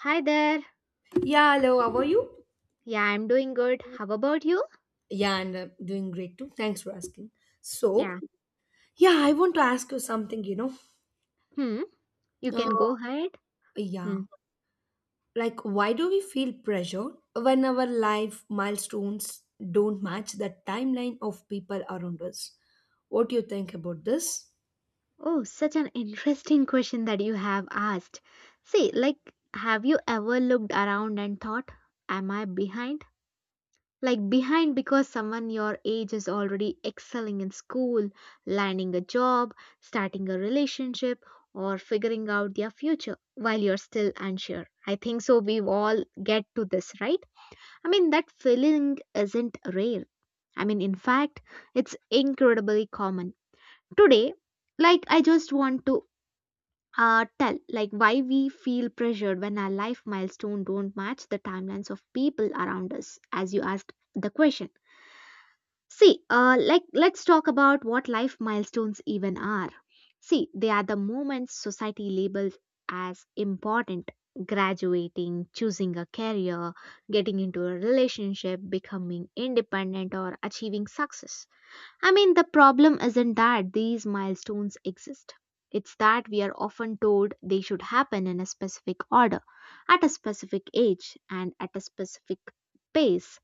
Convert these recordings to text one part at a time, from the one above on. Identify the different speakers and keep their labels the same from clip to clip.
Speaker 1: Hi there.
Speaker 2: Yeah, hello, how are you?
Speaker 1: Yeah, I'm doing good. How about you?
Speaker 2: Yeah, and I'm doing great too. Thanks for asking. So,
Speaker 1: Yeah.
Speaker 2: yeah, I want to ask you something,
Speaker 1: Hmm. You
Speaker 2: Uh,
Speaker 1: can go ahead.
Speaker 2: yeah,
Speaker 1: Hmm.
Speaker 2: like why do we feel pressure when our life milestones don't match the timeline of people around us? What do you think about this?
Speaker 1: Oh, such an interesting question that you have asked. See, like, have you ever looked around and thought, am I behind? Like, behind because someone your age is already excelling in school, landing a job, starting a relationship, or figuring out their future while you're still unsure. I think so. We've all get to this, right? I mean, that feeling isn't rare. I mean, in fact, it's incredibly common. Today, like, I just want to tell like why we feel pressured when our life milestone don't match the timelines of people around us as you asked the question. See, like, let's talk about what life milestones even are. See, they are the moments society labels as important: graduating, choosing a career, getting into a relationship, becoming independent, or achieving success. I mean, the problem isn't that these milestones exist. It's that we are often told they should happen in a specific order, at a specific age, and at a specific pace.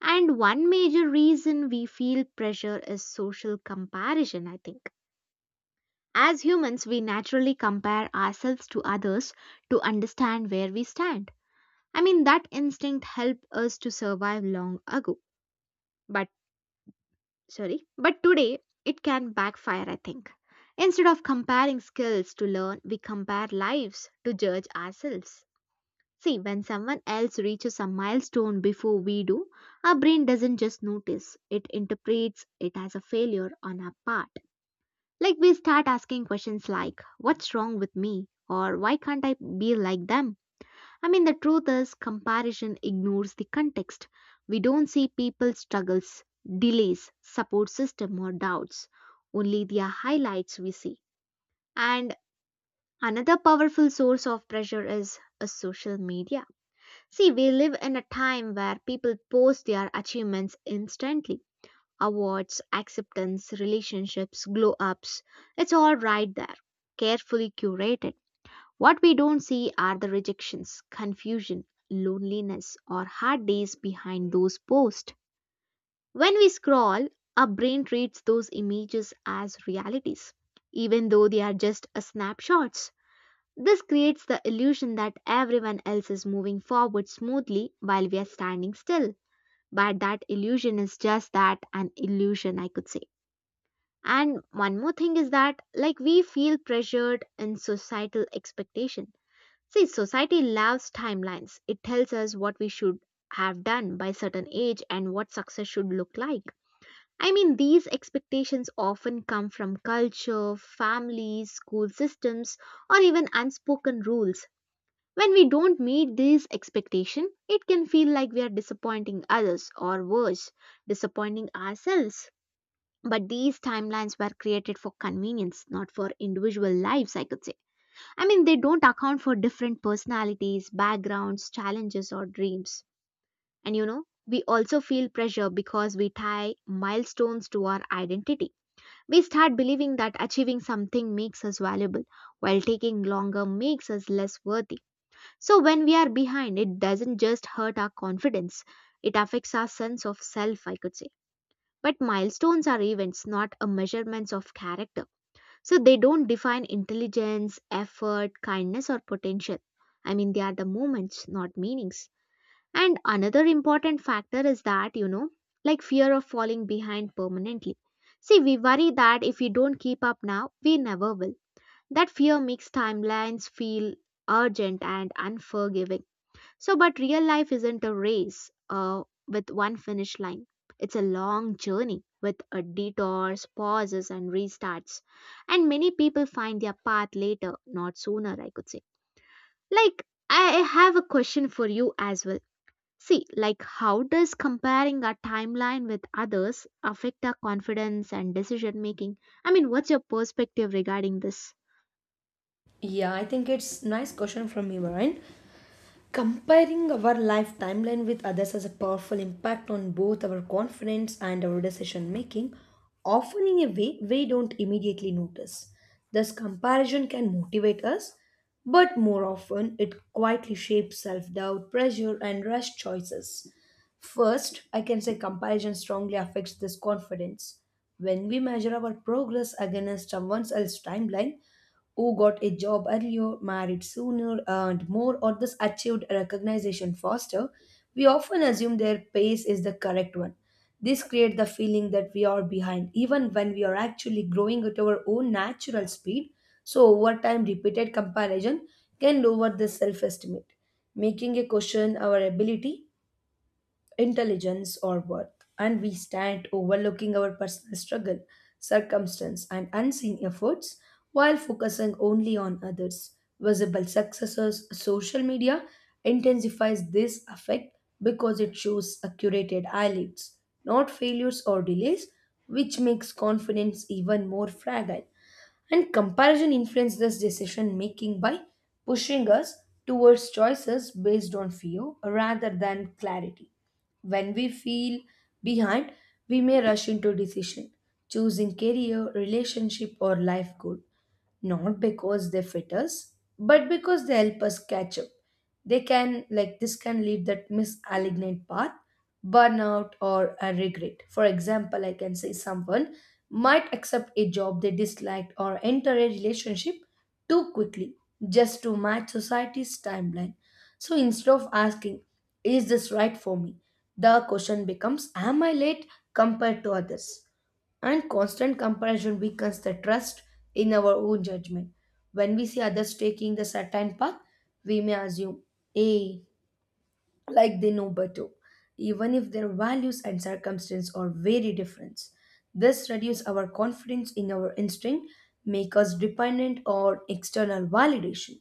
Speaker 1: And one major reason we feel pressure is social comparison, I think. As humans, we naturally compare ourselves to others to understand where we stand. I mean, that instinct helped us to survive long ago. But sorry, but today it can backfire, I think. Instead of comparing skills to learn, we compare lives to judge ourselves. See, when someone else reaches a milestone before we do, our brain doesn't just notice, it interprets it as a failure on our part. Like, we start asking questions like what's wrong with me or why can't I be like them. I mean, the truth is, comparison ignores the context. We don't see people's struggles, delays, support system, or doubts. Only their highlights we see. And another powerful source of pressure is social media. See, we live in a time where people post their achievements instantly: awards, acceptance, relationships, glow ups. It's all right there, carefully curated. What we don't see are the rejections, confusion, loneliness, or hard days behind those posts. When we scroll, our brain treats those images as realities, even though they are just a snapshots. This creates the illusion that everyone else is moving forward smoothly while we are standing still. But that illusion is just that, an illusion, I could say. And one more thing is that, like, we feel pressured in societal expectation. See, society loves timelines. It tells us what we should have done by certain age and what success should look like. I mean, these expectations often come from culture, families, school systems, or even unspoken rules. When we don't meet these expectations, it can feel like we are disappointing others or, worse, disappointing ourselves. But these timelines were created for convenience, not for individual lives, I could say. I mean, they don't account for different personalities, backgrounds, challenges, or dreams. And you know, we also feel pressure because we tie milestones to our identity. We start believing that achieving something makes us valuable, while taking longer makes us less worthy. So, when we are behind, it doesn't just hurt our confidence, it affects our sense of self, I could say. But milestones are events, not a measurements of character. So they don't define intelligence, effort, kindness, or potential. I mean, they are the moments, not meanings. And another important factor is that, you know, like fear of falling behind permanently. See, we worry that if we don't keep up now, we never will. That fear makes timelines feel urgent and unforgiving. So, but real life isn't a race with one finish line. It's a long journey with detours, pauses, and restarts. And many people find their path later, not sooner, I could say. Like, I have a question for you as well. See, like, how does comparing our timeline with others affect our confidence and decision making? I mean, what's your perspective regarding this?
Speaker 2: Yeah, I think it's nice question from you, Ryan. Comparing our life timeline with others has a powerful impact on both our confidence and our decision making, often in a way we don't immediately notice. Thus, comparison can motivate us, but more often it quietly shapes self doubt, pressure, and rash choices. First, I can say comparison strongly affects this confidence. When we measure our progress against someone else's timeline, who got a job earlier, married sooner, earned more, or thus achieved recognition faster, we often assume their pace is the correct one. This creates the feeling that we are behind, even when we are actually growing at our own natural speed. So, over time, repeated comparison can lower the self estimate, making a question our ability intelligence or worth, and we stand overlooking our personal struggle, circumstance, and unseen efforts while focusing only on others. Visible successes, social media intensifies this effect because it shows accurate highlights, not failures or delays, which makes confidence even more fragile. And comparison influences this decision making by pushing us towards choices based on fear rather than clarity. When we feel behind, we may rush into decision, choosing career, relationship, or life goal not because they fit us, but because they help us catch up. They can, like, this can lead that misaligned path, burnout, or a regret. For example, I can say someone might accept a job they disliked or enter a relationship too quickly just to match society's timeline. So instead of asking, is this right for me? The question becomes, am I late compared to others? And constant comparison weakens the trust in our own judgment. When we see others taking the certain path, we may assume, hey, like they know better, even if their values and circumstance are very different. This reduces our confidence in our instinct, make us dependent on external validation.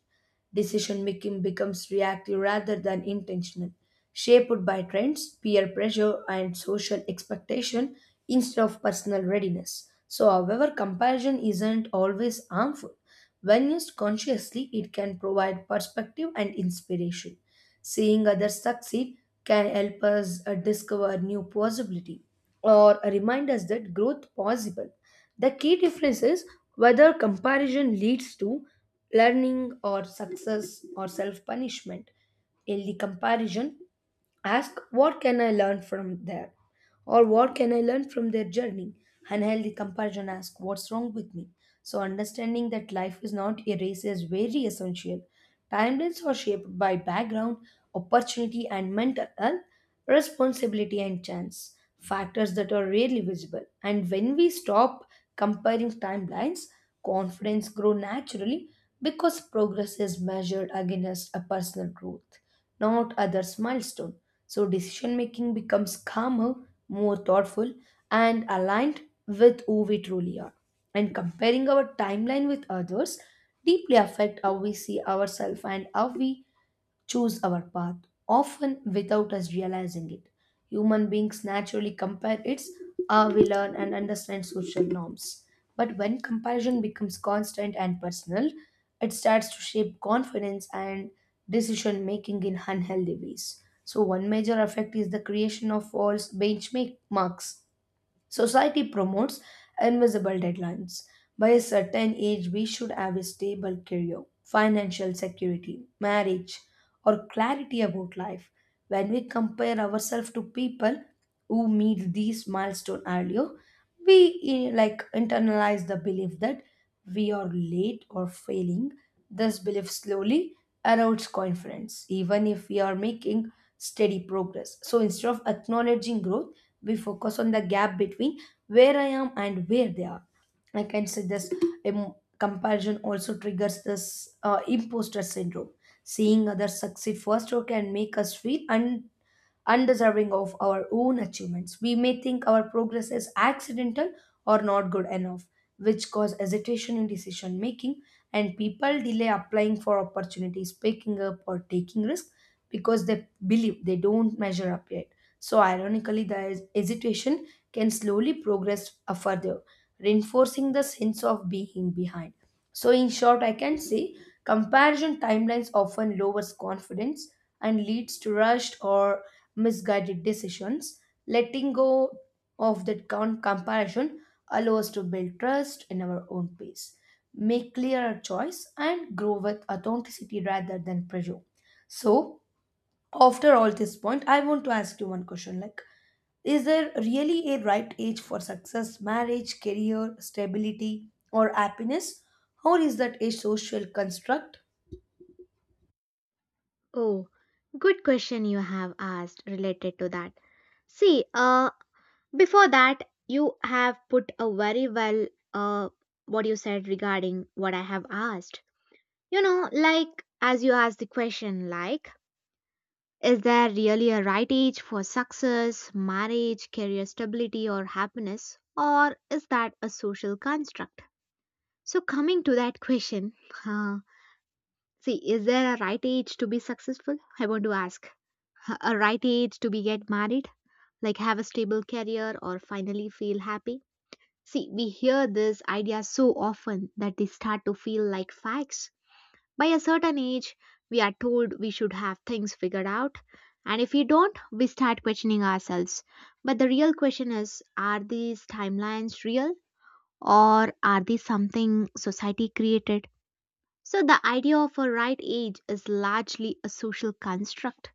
Speaker 2: Decision making becomes reactive rather than intentional, shaped by trends, peer pressure, and social expectation instead of personal readiness. So, however, comparison isn't always harmful. When used consciously, it can provide perspective and inspiration. Seeing others succeed can help us discover new possibility or remind us that growth possible. The key difference is whether comparison leads to learning or success or self punishment. Healthy comparison ask what can I learn from there or what can I learn from their journey. Unhealthy comparison ask what's wrong with me. So understanding that life is not a race is very essential. Timelines are shaped by background, opportunity and mental health, responsibility and chance, factors that are rarely visible. And when we stop comparing timelines, confidence grows naturally because progress is measured against a personal growth not others' milestone. So decision making becomes calmer, more thoughtful, and aligned with who we truly are. And comparing our timeline with others deeply affect how we see ourselves and how we choose our path, often without us realizing it. Human beings naturally compare its how we learn and understand social norms. But when comparison becomes constant and personal, it starts to shape confidence and decision making in unhealthy ways. So, one major effect is the creation of false benchmark marks. Society promotes invisible deadlines. By a certain age, we should have a stable career, financial security, marriage, or clarity about life. When we compare ourselves to people who meet these milestones earlier, we internalize the belief that we are late or failing. This belief slowly erodes confidence, even if we are making steady progress. So instead of acknowledging growth, we focus on the gap between where I am and where they are. I can say this comparison also triggers this imposter syndrome. Seeing others succeed faster can make us feel unreachable undeserving of our own achievements. We may think our progress is accidental or not good enough, which cause hesitation in decision making, and people delay applying for opportunities, picking up or taking risks because they believe they don't measure up yet. So ironically, the hesitation can slowly progress further, reinforcing the sense of being behind. So in short, I can say comparison timelines often lowers confidence and leads to rushed or misguided decisions. Letting go of comparison allows to build trust in our own pace, make clearer choice, and grow with authenticity rather than pressure. So, after all this point, I want to ask you one question: like, is there really a right age for success, marriage, career, stability, or happiness, or is that a social construct?
Speaker 1: Oh, good question you have asked related to that. See, before that, you have put a very well uh, what you said regarding what I have asked. You know, like, as you asked the question, like, is there really a right age for success, marriage, career stability, or happiness, or is that a social construct? So, coming to that question, uh, see, is there a right age to be successful? I want to ask a right age to be get married, like have a stable career or finally feel happy. See, we hear this idea so often that they start to feel like facts. By a certain age, we are told we should have things figured out, and if we don't, we start questioning ourselves. But the real question is, are these timelines real or are these something society created? So, the idea of a right age is largely a social construct.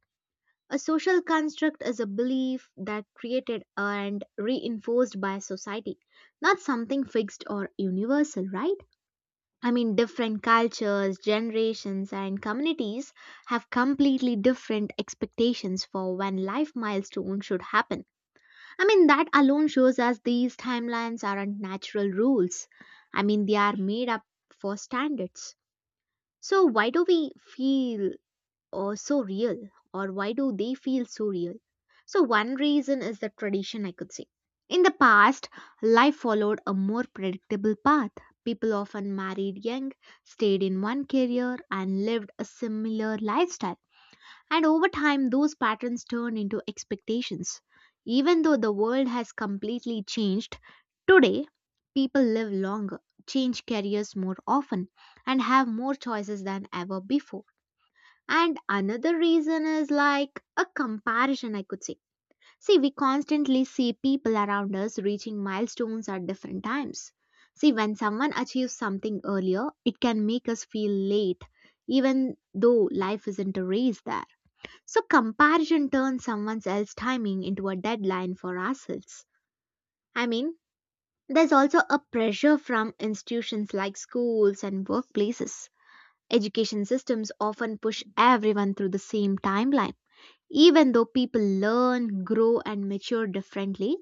Speaker 1: A social construct is a belief that created and reinforced by society, not something fixed or universal, right? I mean, different cultures, generations, and communities have completely different expectations for when life milestones should happen. I mean, that alone shows us these timelines aren't natural rules. I mean, they are made up for standards. So, why do we feel so real, or why do they feel so real? So, one reason is the tradition, I could say. In the past, life followed a more predictable path. People often married young, stayed in one career, and lived a similar lifestyle. And over time, those patterns turn into expectations. Even though the world has completely changed, today people live longer, change careers more often, and have more choices than ever before. And another reason is like a comparison, I could say. See, we constantly see people around us reaching milestones at different times. See, when someone achieves something earlier, it can make us feel late, even though life isn't a race there. So, comparison turns someone else's timing into a deadline for ourselves. I mean, there's also a pressure from institutions like schools and workplaces. Education systems often push everyone through the same timeline, even though people learn, grow, and mature differently,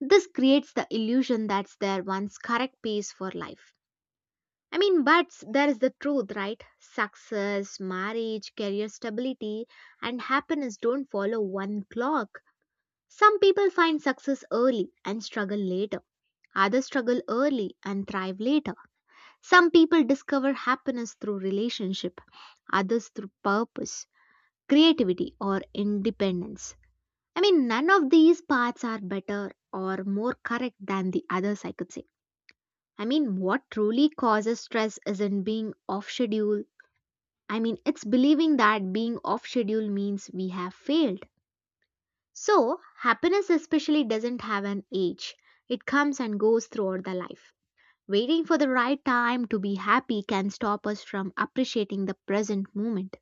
Speaker 1: this creates the illusion that's their one's correct pace for life. I mean, but there is the truth, right? Success, marriage, career stability, and happiness don't follow one clock. Some people find success early and struggle later. Others struggle early and thrive later. Some people discover happiness through relationship, others through purpose, creativity, or independence. I mean, none of these paths are better or more correct than the others, I could say. I mean, what truly causes stress isn't being off schedule. I mean, it's believing that being off schedule means we have failed. So, happiness especially doesn't have an age, it comes and goes throughout the life. Waiting for the right time to be happy can stop us from appreciating the present moment.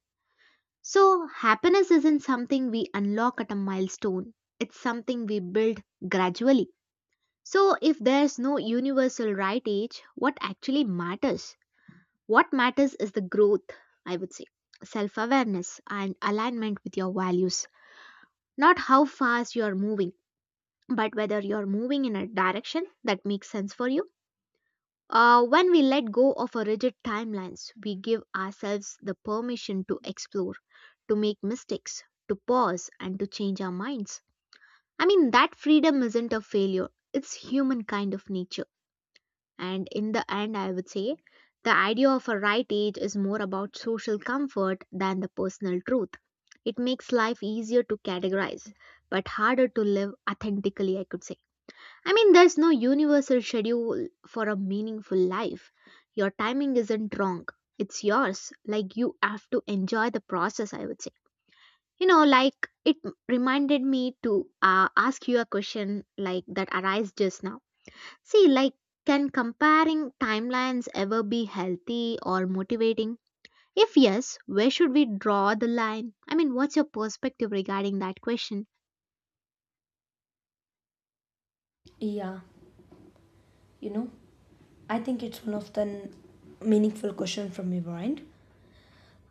Speaker 1: So, happiness isn't something we unlock at a milestone, it's something we build gradually. So, if there's no universal right age, what actually matters? What matters is the growth, I would say, self awareness and alignment with your values, not how fast you are moving, but whether you're moving in a direction that makes sense for you. When we let go of our rigid timelines, we give ourselves the permission to explore, to make mistakes, to pause, and to change our minds. I mean, that freedom isn't a failure, it's human kind of nature. And in the end, I would say the idea of a right age is more about social comfort than the personal truth. It makes life easier to categorize, but harder to live authentically, I could say. I mean, there's no universal schedule for a meaningful life. Your timing isn't wrong, it's yours. Like, you have to enjoy the process, I would say. You know, like it reminded me to ask you a question like that arise just now. See, like, can comparing timelines ever be healthy or motivating? If yes, where should we draw the line? I mean, what's your perspective regarding that question?
Speaker 2: Yeah, you know, I think it's one of the meaningful question from your mind.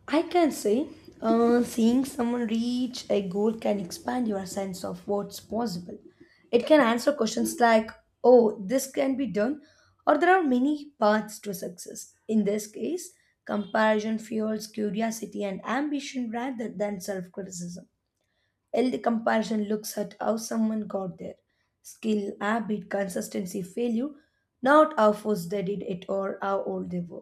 Speaker 2: I can say seeing someone reach a goal can expand your sense of what's possible. It can answer questions like, oh, this can be done, or there are many paths to success. In this case, comparison fuels curiosity and ambition rather than self criticism. Healthy comparison looks at how someone got there skill, habit, consistency, failure, not how fast they did it or how old they were.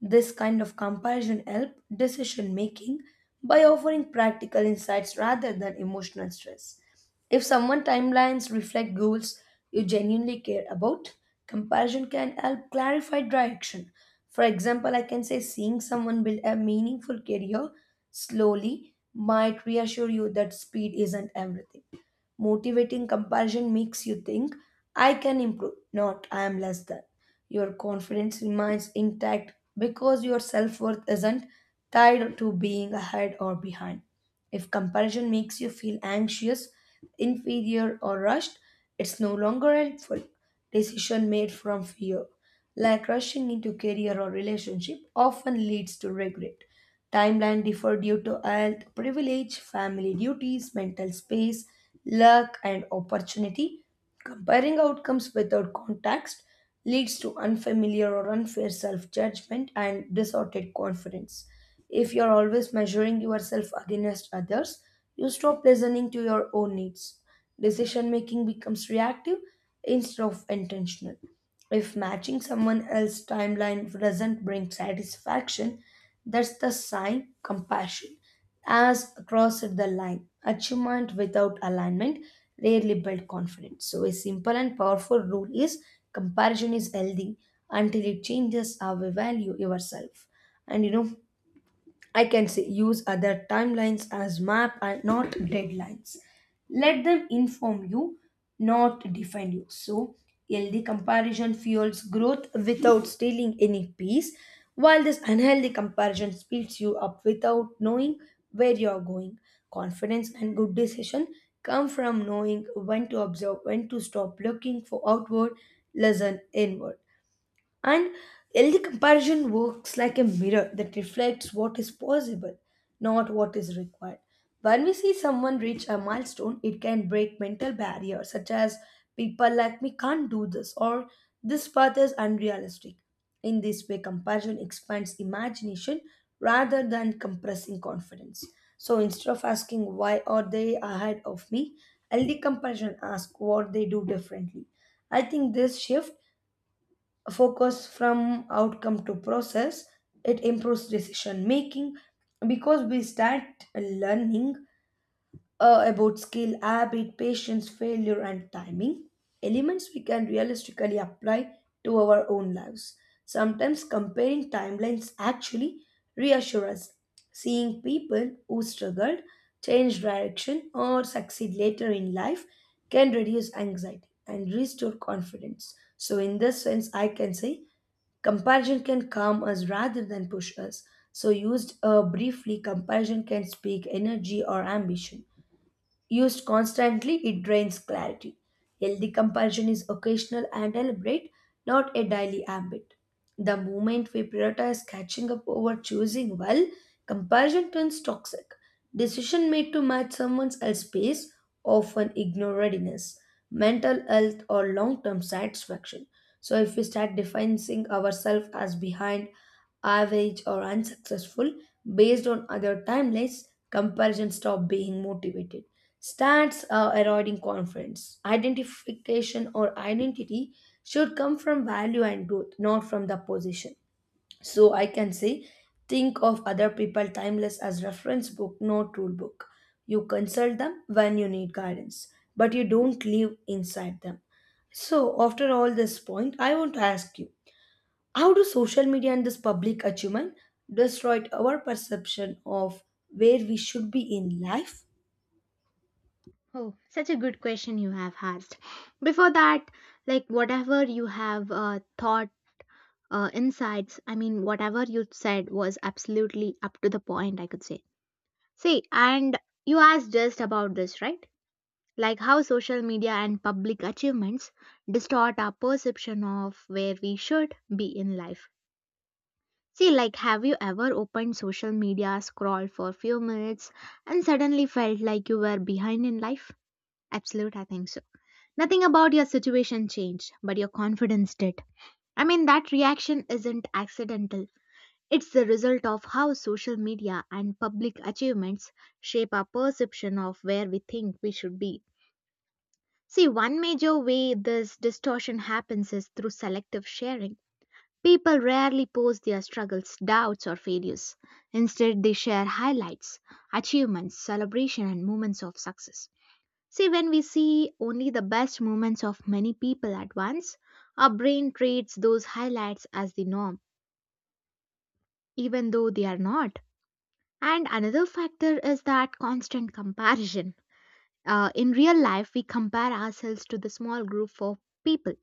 Speaker 2: This kind of comparison helps decision making by offering practical insights rather than emotional stress. If someone timelines reflect goals you genuinely care about, comparison can help clarify direction. For example, I can say seeing someone build a meaningful career slowly might reassure you that speed isn't everything. Motivating comparison makes you think, I can improve, not I am less than. Your confidence remains intact because your self worth isn't tied to being ahead or behind. If comparison makes you feel anxious, inferior, or rushed, it's no longer helpful. Decision made from fear, like rushing into career or relationship, often leads to regret. Timeline differ due to health, privilege, family duties, mental space, luck, and opportunity. Comparing outcomes without context leads to unfamiliar or unfair self judgment and distorted confidence. If you're always measuring yourself against others, you stop listening to your own needs. Decision making becomes reactive instead of intentional. If matching someone else's timeline doesn't bring satisfaction, that's the sign compassion as crossed the line. Achievement without alignment rarely build confidence. So a simple and powerful rule is comparison is healthy until it changes how we value yourself. And you know, I can say use other timelines as map and not deadlines. Let them inform you, not define you. So, healthy comparison fuels growth without stealing any peace, while this unhealthy comparison speeds you up without knowing where you are going. Confidence and good decision come from knowing when to observe, when to stop looking for outward, listen inward. And healthy comparison works like a mirror that reflects what is possible, not what is required. When we see someone reach a milestone, it can break mental barriers such as people like me can't do this or this path is unrealistic. In this way, comparison expands imagination rather than compressing confidence. So instead of asking why are they ahead of me, healthy comparison asks what they do differently. I think this shift focus from outcome to process it improves decision making because we start learning about skill, habit, patience, failure, and timing, elements we can realistically apply to our own lives. Sometimes comparing timelines actually reassures us. Seeing people who struggled, change direction, or succeed later in life can reduce anxiety and restore confidence. So, in this sense, I can say comparison can calm us rather than push us. So, used briefly, comparison can speak energy or ambition. Used constantly, it drains clarity. Healthy compulsion is occasional and deliberate, not a daily habit. The moment we prioritize catching up over choosing well, compulsion turns toxic. Decision made to match someone else's pace often ignore readiness, mental health, or long-term satisfaction. So if we start defining ourselves as behind, average, or unsuccessful based on other timelines, comparison stop being motivated. Stats are eroding confidence. Identification or identity should come from value and growth, not from the position. So I can say, think of other people timeless as reference book, not rule book. You consult them when you need guidance, but you don't live inside them. So after all this point, I want to ask you, how do social media and this public achievement destroy our perception of where we should be in life?
Speaker 1: Oh, such a good question you have asked. Before that, like, whatever you have thought, insights, I mean, whatever you said was absolutely up to the point, I could say. See, and you asked just about this, right? Like, how social media and public achievements distort our perception of where we should be in life. See, like, have you ever opened social media, scrolled for a few minutes, and suddenly felt like you were behind in life? Absolute, I think so. Nothing about your situation changed, but your confidence did. I mean, that reaction isn't accidental. It's the result of how social media and public achievements shape our perception of where we think we should be. See, one major way this distortion happens is through selective sharing. People rarely post their struggles, doubts, or failures. Instead, they share highlights, achievements, celebration, and moments of success. See, when we see only the best moments of many people at once, our brain treats those highlights as the norm, even though they are not. And another factor is that constant comparison. In real life, we compare ourselves to the small group of people.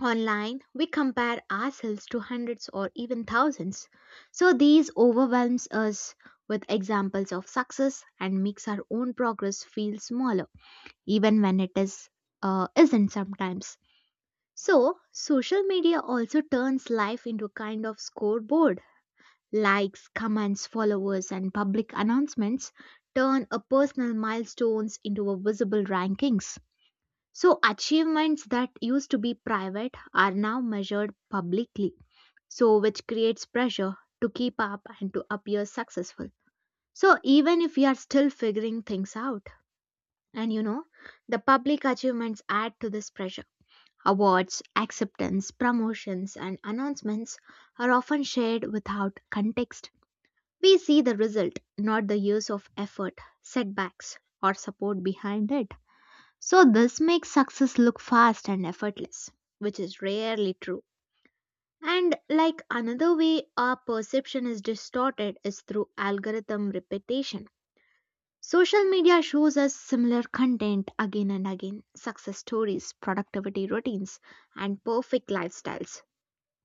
Speaker 1: Online, we compare ourselves to hundreds or even thousands. So these overwhelms us with examples of success and makes our own progress feel smaller, even when it is isn't sometimes. So social media also turns life into a kind of scoreboard. Likes, comments, followers, and public announcements turn a personal milestones into a visible rankings. So, achievements that used to be private are now measured publicly, so which creates pressure to keep up and to appear successful. So, even if we are still figuring things out, and the public achievements add to this pressure. Awards, acceptance, promotions, and announcements are often shared without context. We see the result, not the years of effort, setbacks, or support behind it. So, this makes success look fast and effortless, which is rarely true. And like another way our perception is distorted is through algorithm repetition. Social media shows us similar content again and again, success stories, productivity routines, and perfect lifestyles.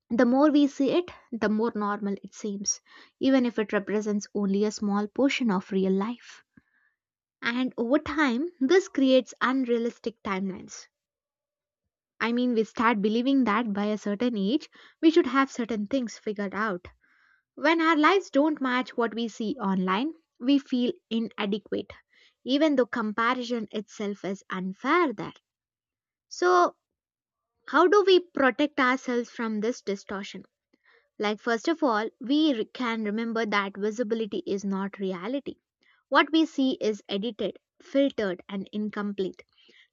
Speaker 1: The more we see it, the more normal it seems, even if it represents only a small portion of real life. And over time, this creates unrealistic timelines. I mean, we start believing that by a certain age, we should have certain things figured out. When our lives don't match what we see online, we feel inadequate, even though comparison itself is unfair there. So, how do we protect ourselves from this distortion? Like, first of all, can remember that visibility is not reality. What we see is edited, filtered, and incomplete.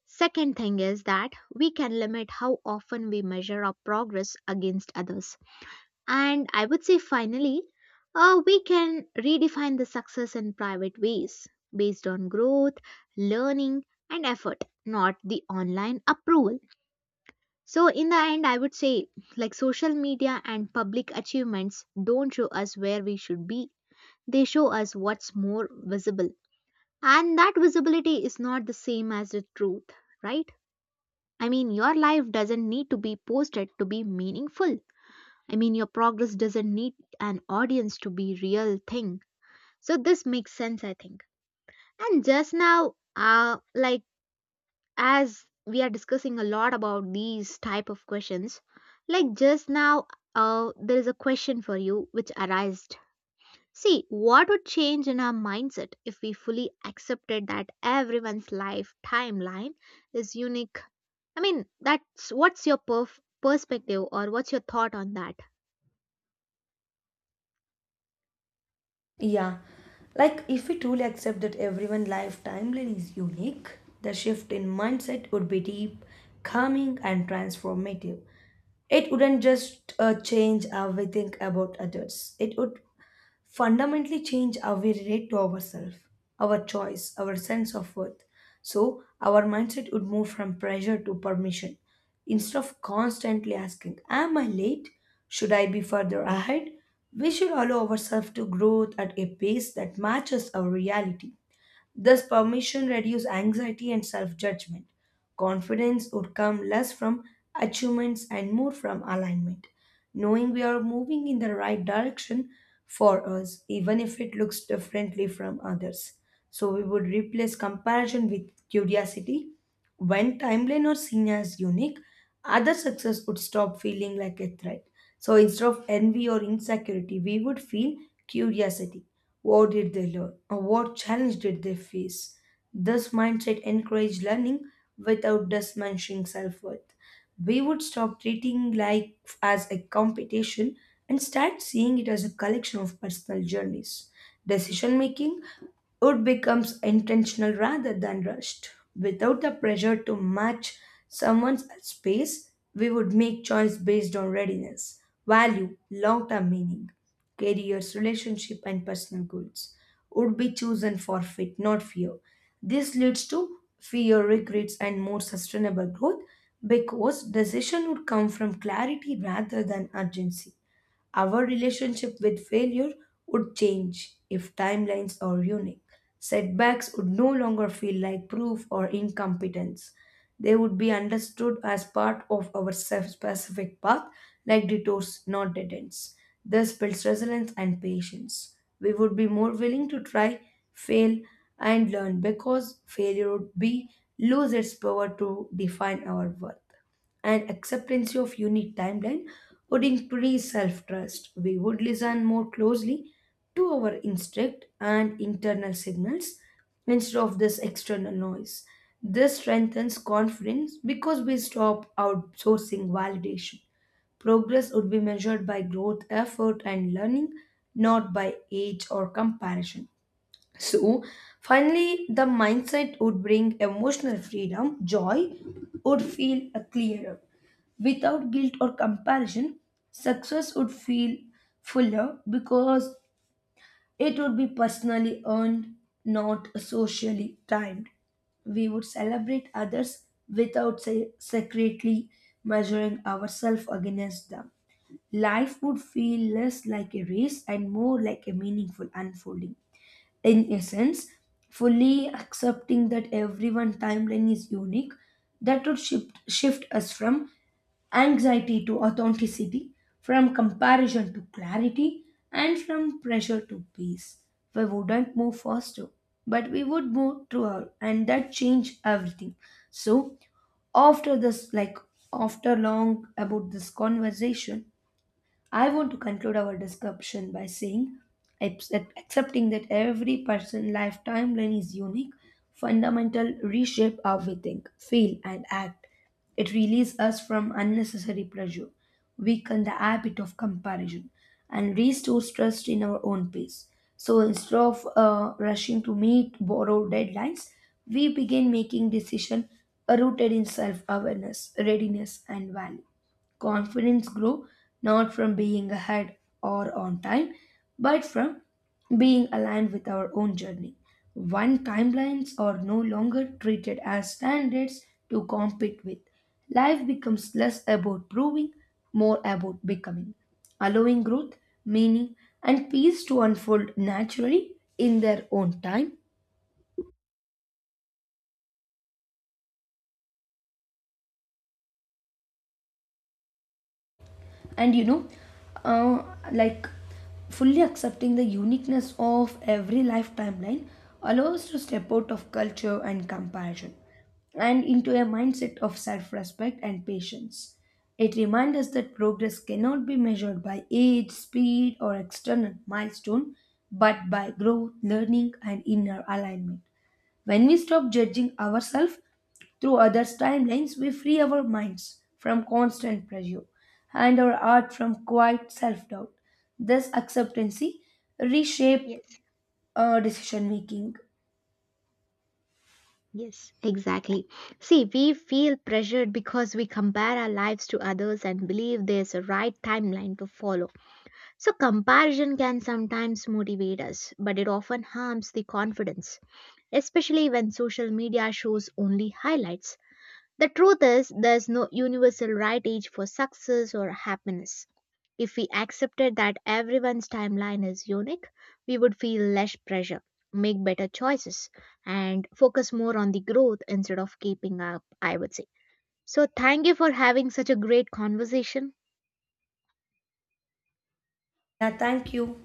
Speaker 1: Second thing is that we can limit how often we measure our progress against others. And I would say finally, we can redefine the success in private ways based on growth, learning, and effort, not the online approval. So, in the end, I would say like social media and public achievements don't show us where we should be, they show us what's more visible. And that visibility is not the same as the truth, right? I mean, your life doesn't need to be posted to be meaningful. I mean, your progress doesn't need an audience to be real thing. So this makes sense, I think. And just now, like as we are discussing a lot about these type of questions, like just now, there is a question for you which arised. See, what would change in our mindset if we fully accepted that everyone's life timeline is unique? I mean, that's what's your perspective or what's your thought on that?
Speaker 2: Yeah. Like, if we truly accept that everyone's life timeline is unique, the shift in mindset would be deep, calming, and transformative. It wouldn't just change how we think about others, it would fundamentally change how we relate to ourselves, our choice, our sense of worth. So, our mindset would move from pressure to permission instead of constantly asking, am I late? Should I be further ahead? We should allow ourselves to grow at a pace that matches our reality. This permission reduced anxiety and self judgment. Confidence would come less from achievements and more from alignment, knowing we are moving in the right direction for us, even if it looks differently from others. So we would replace comparison with curiosity. When timeline are seen as unique, other success would stop feeling like a threat. So instead of envy or insecurity, we would feel curiosity. What did they learn? Or what challenge did they face? This mindset encouraged learning without diminishing self worth. We would stop treating life as a competition and start seeing it as a collection of personal journeys. Decision making it becomes intentional rather than rushed. Without the pressure to match someone's space, we would make choice based on readiness, value, long-term meaning, careers, relationship, and personal goals. Would be chosen for fit, not fear. This leads to fear, regrets, and more sustainable growth because decision would come from clarity rather than urgency. Our relationship with failure would change if timelines are unique. Setbacks would no longer feel like proof or incompetence. They would be understood as part of our self specific path, like detours, not dead ends. This builds resilience and patience. We would be more willing to try, fail, and learn because failure would be lose its power to define our worth and acceptance of unique timeline would increase self-trust. We would listen more closely to our instinct and internal signals instead of this external noise. This strengthens confidence because we stop outsourcing validation. Progress would be measured by growth, effort, and learning, not by age or comparison. So, finally, the mindset would bring emotional freedom, joy would feel clearer. Without guilt or comparison, success would feel fuller because it would be personally earned, not socially timed. We would celebrate others without secretly measuring ourselves against them. Life would feel less like a race and more like a meaningful unfolding. In essence, fully accepting that everyone's timeline is unique, that would shift us from anxiety to authenticity, from comparison to clarity, and from pressure to peace. We wouldn't move faster, but we would move through, and that changed everything. So, after this, like after long about this conversation, I want to conclude our discussion by saying accepting that every person's life timeline is unique, fundamental reshape how we think, feel, and act. It releases us from unnecessary pressure, weaken the habit of comparison, and restores trust in our own pace. So instead of rushing to meet borrowed deadlines, we begin making decisions rooted in self awareness, readiness, and value. Confidence grow not from being ahead or on time, but from being aligned with our own journey. One timelines are no longer treated as standards to compete with. Life becomes less about proving, more about becoming, allowing growth, meaning, and peace to unfold naturally in their own time. And you know uh, like fully accepting the uniqueness of every life timeline allows us to step out of culture and comparison and into a mindset of self respect and patience. It reminds us that progress cannot be measured by age, speed, or external milestone, but by growth, learning, and inner alignment. When we stop judging ourselves through others' timelines, we free our minds from constant pressure and our art from quiet self doubt. This acceptancy reshape
Speaker 1: Yes,
Speaker 2: decision making.
Speaker 1: yes, exactly. See, we feel pressured because we compare our lives to others and believe there's a right timeline to follow. So, comparison can sometimes motivate us, but it often harms the confidence, especially when social media shows only highlights. The truth is, there's no universal right age for success or happiness. If we accepted that everyone's timeline is unique, we would feel less pressure, make better choices, and focus more on the growth instead of keeping up, I would say. So, thank you for having such a great conversation.
Speaker 2: Yeah, thank you.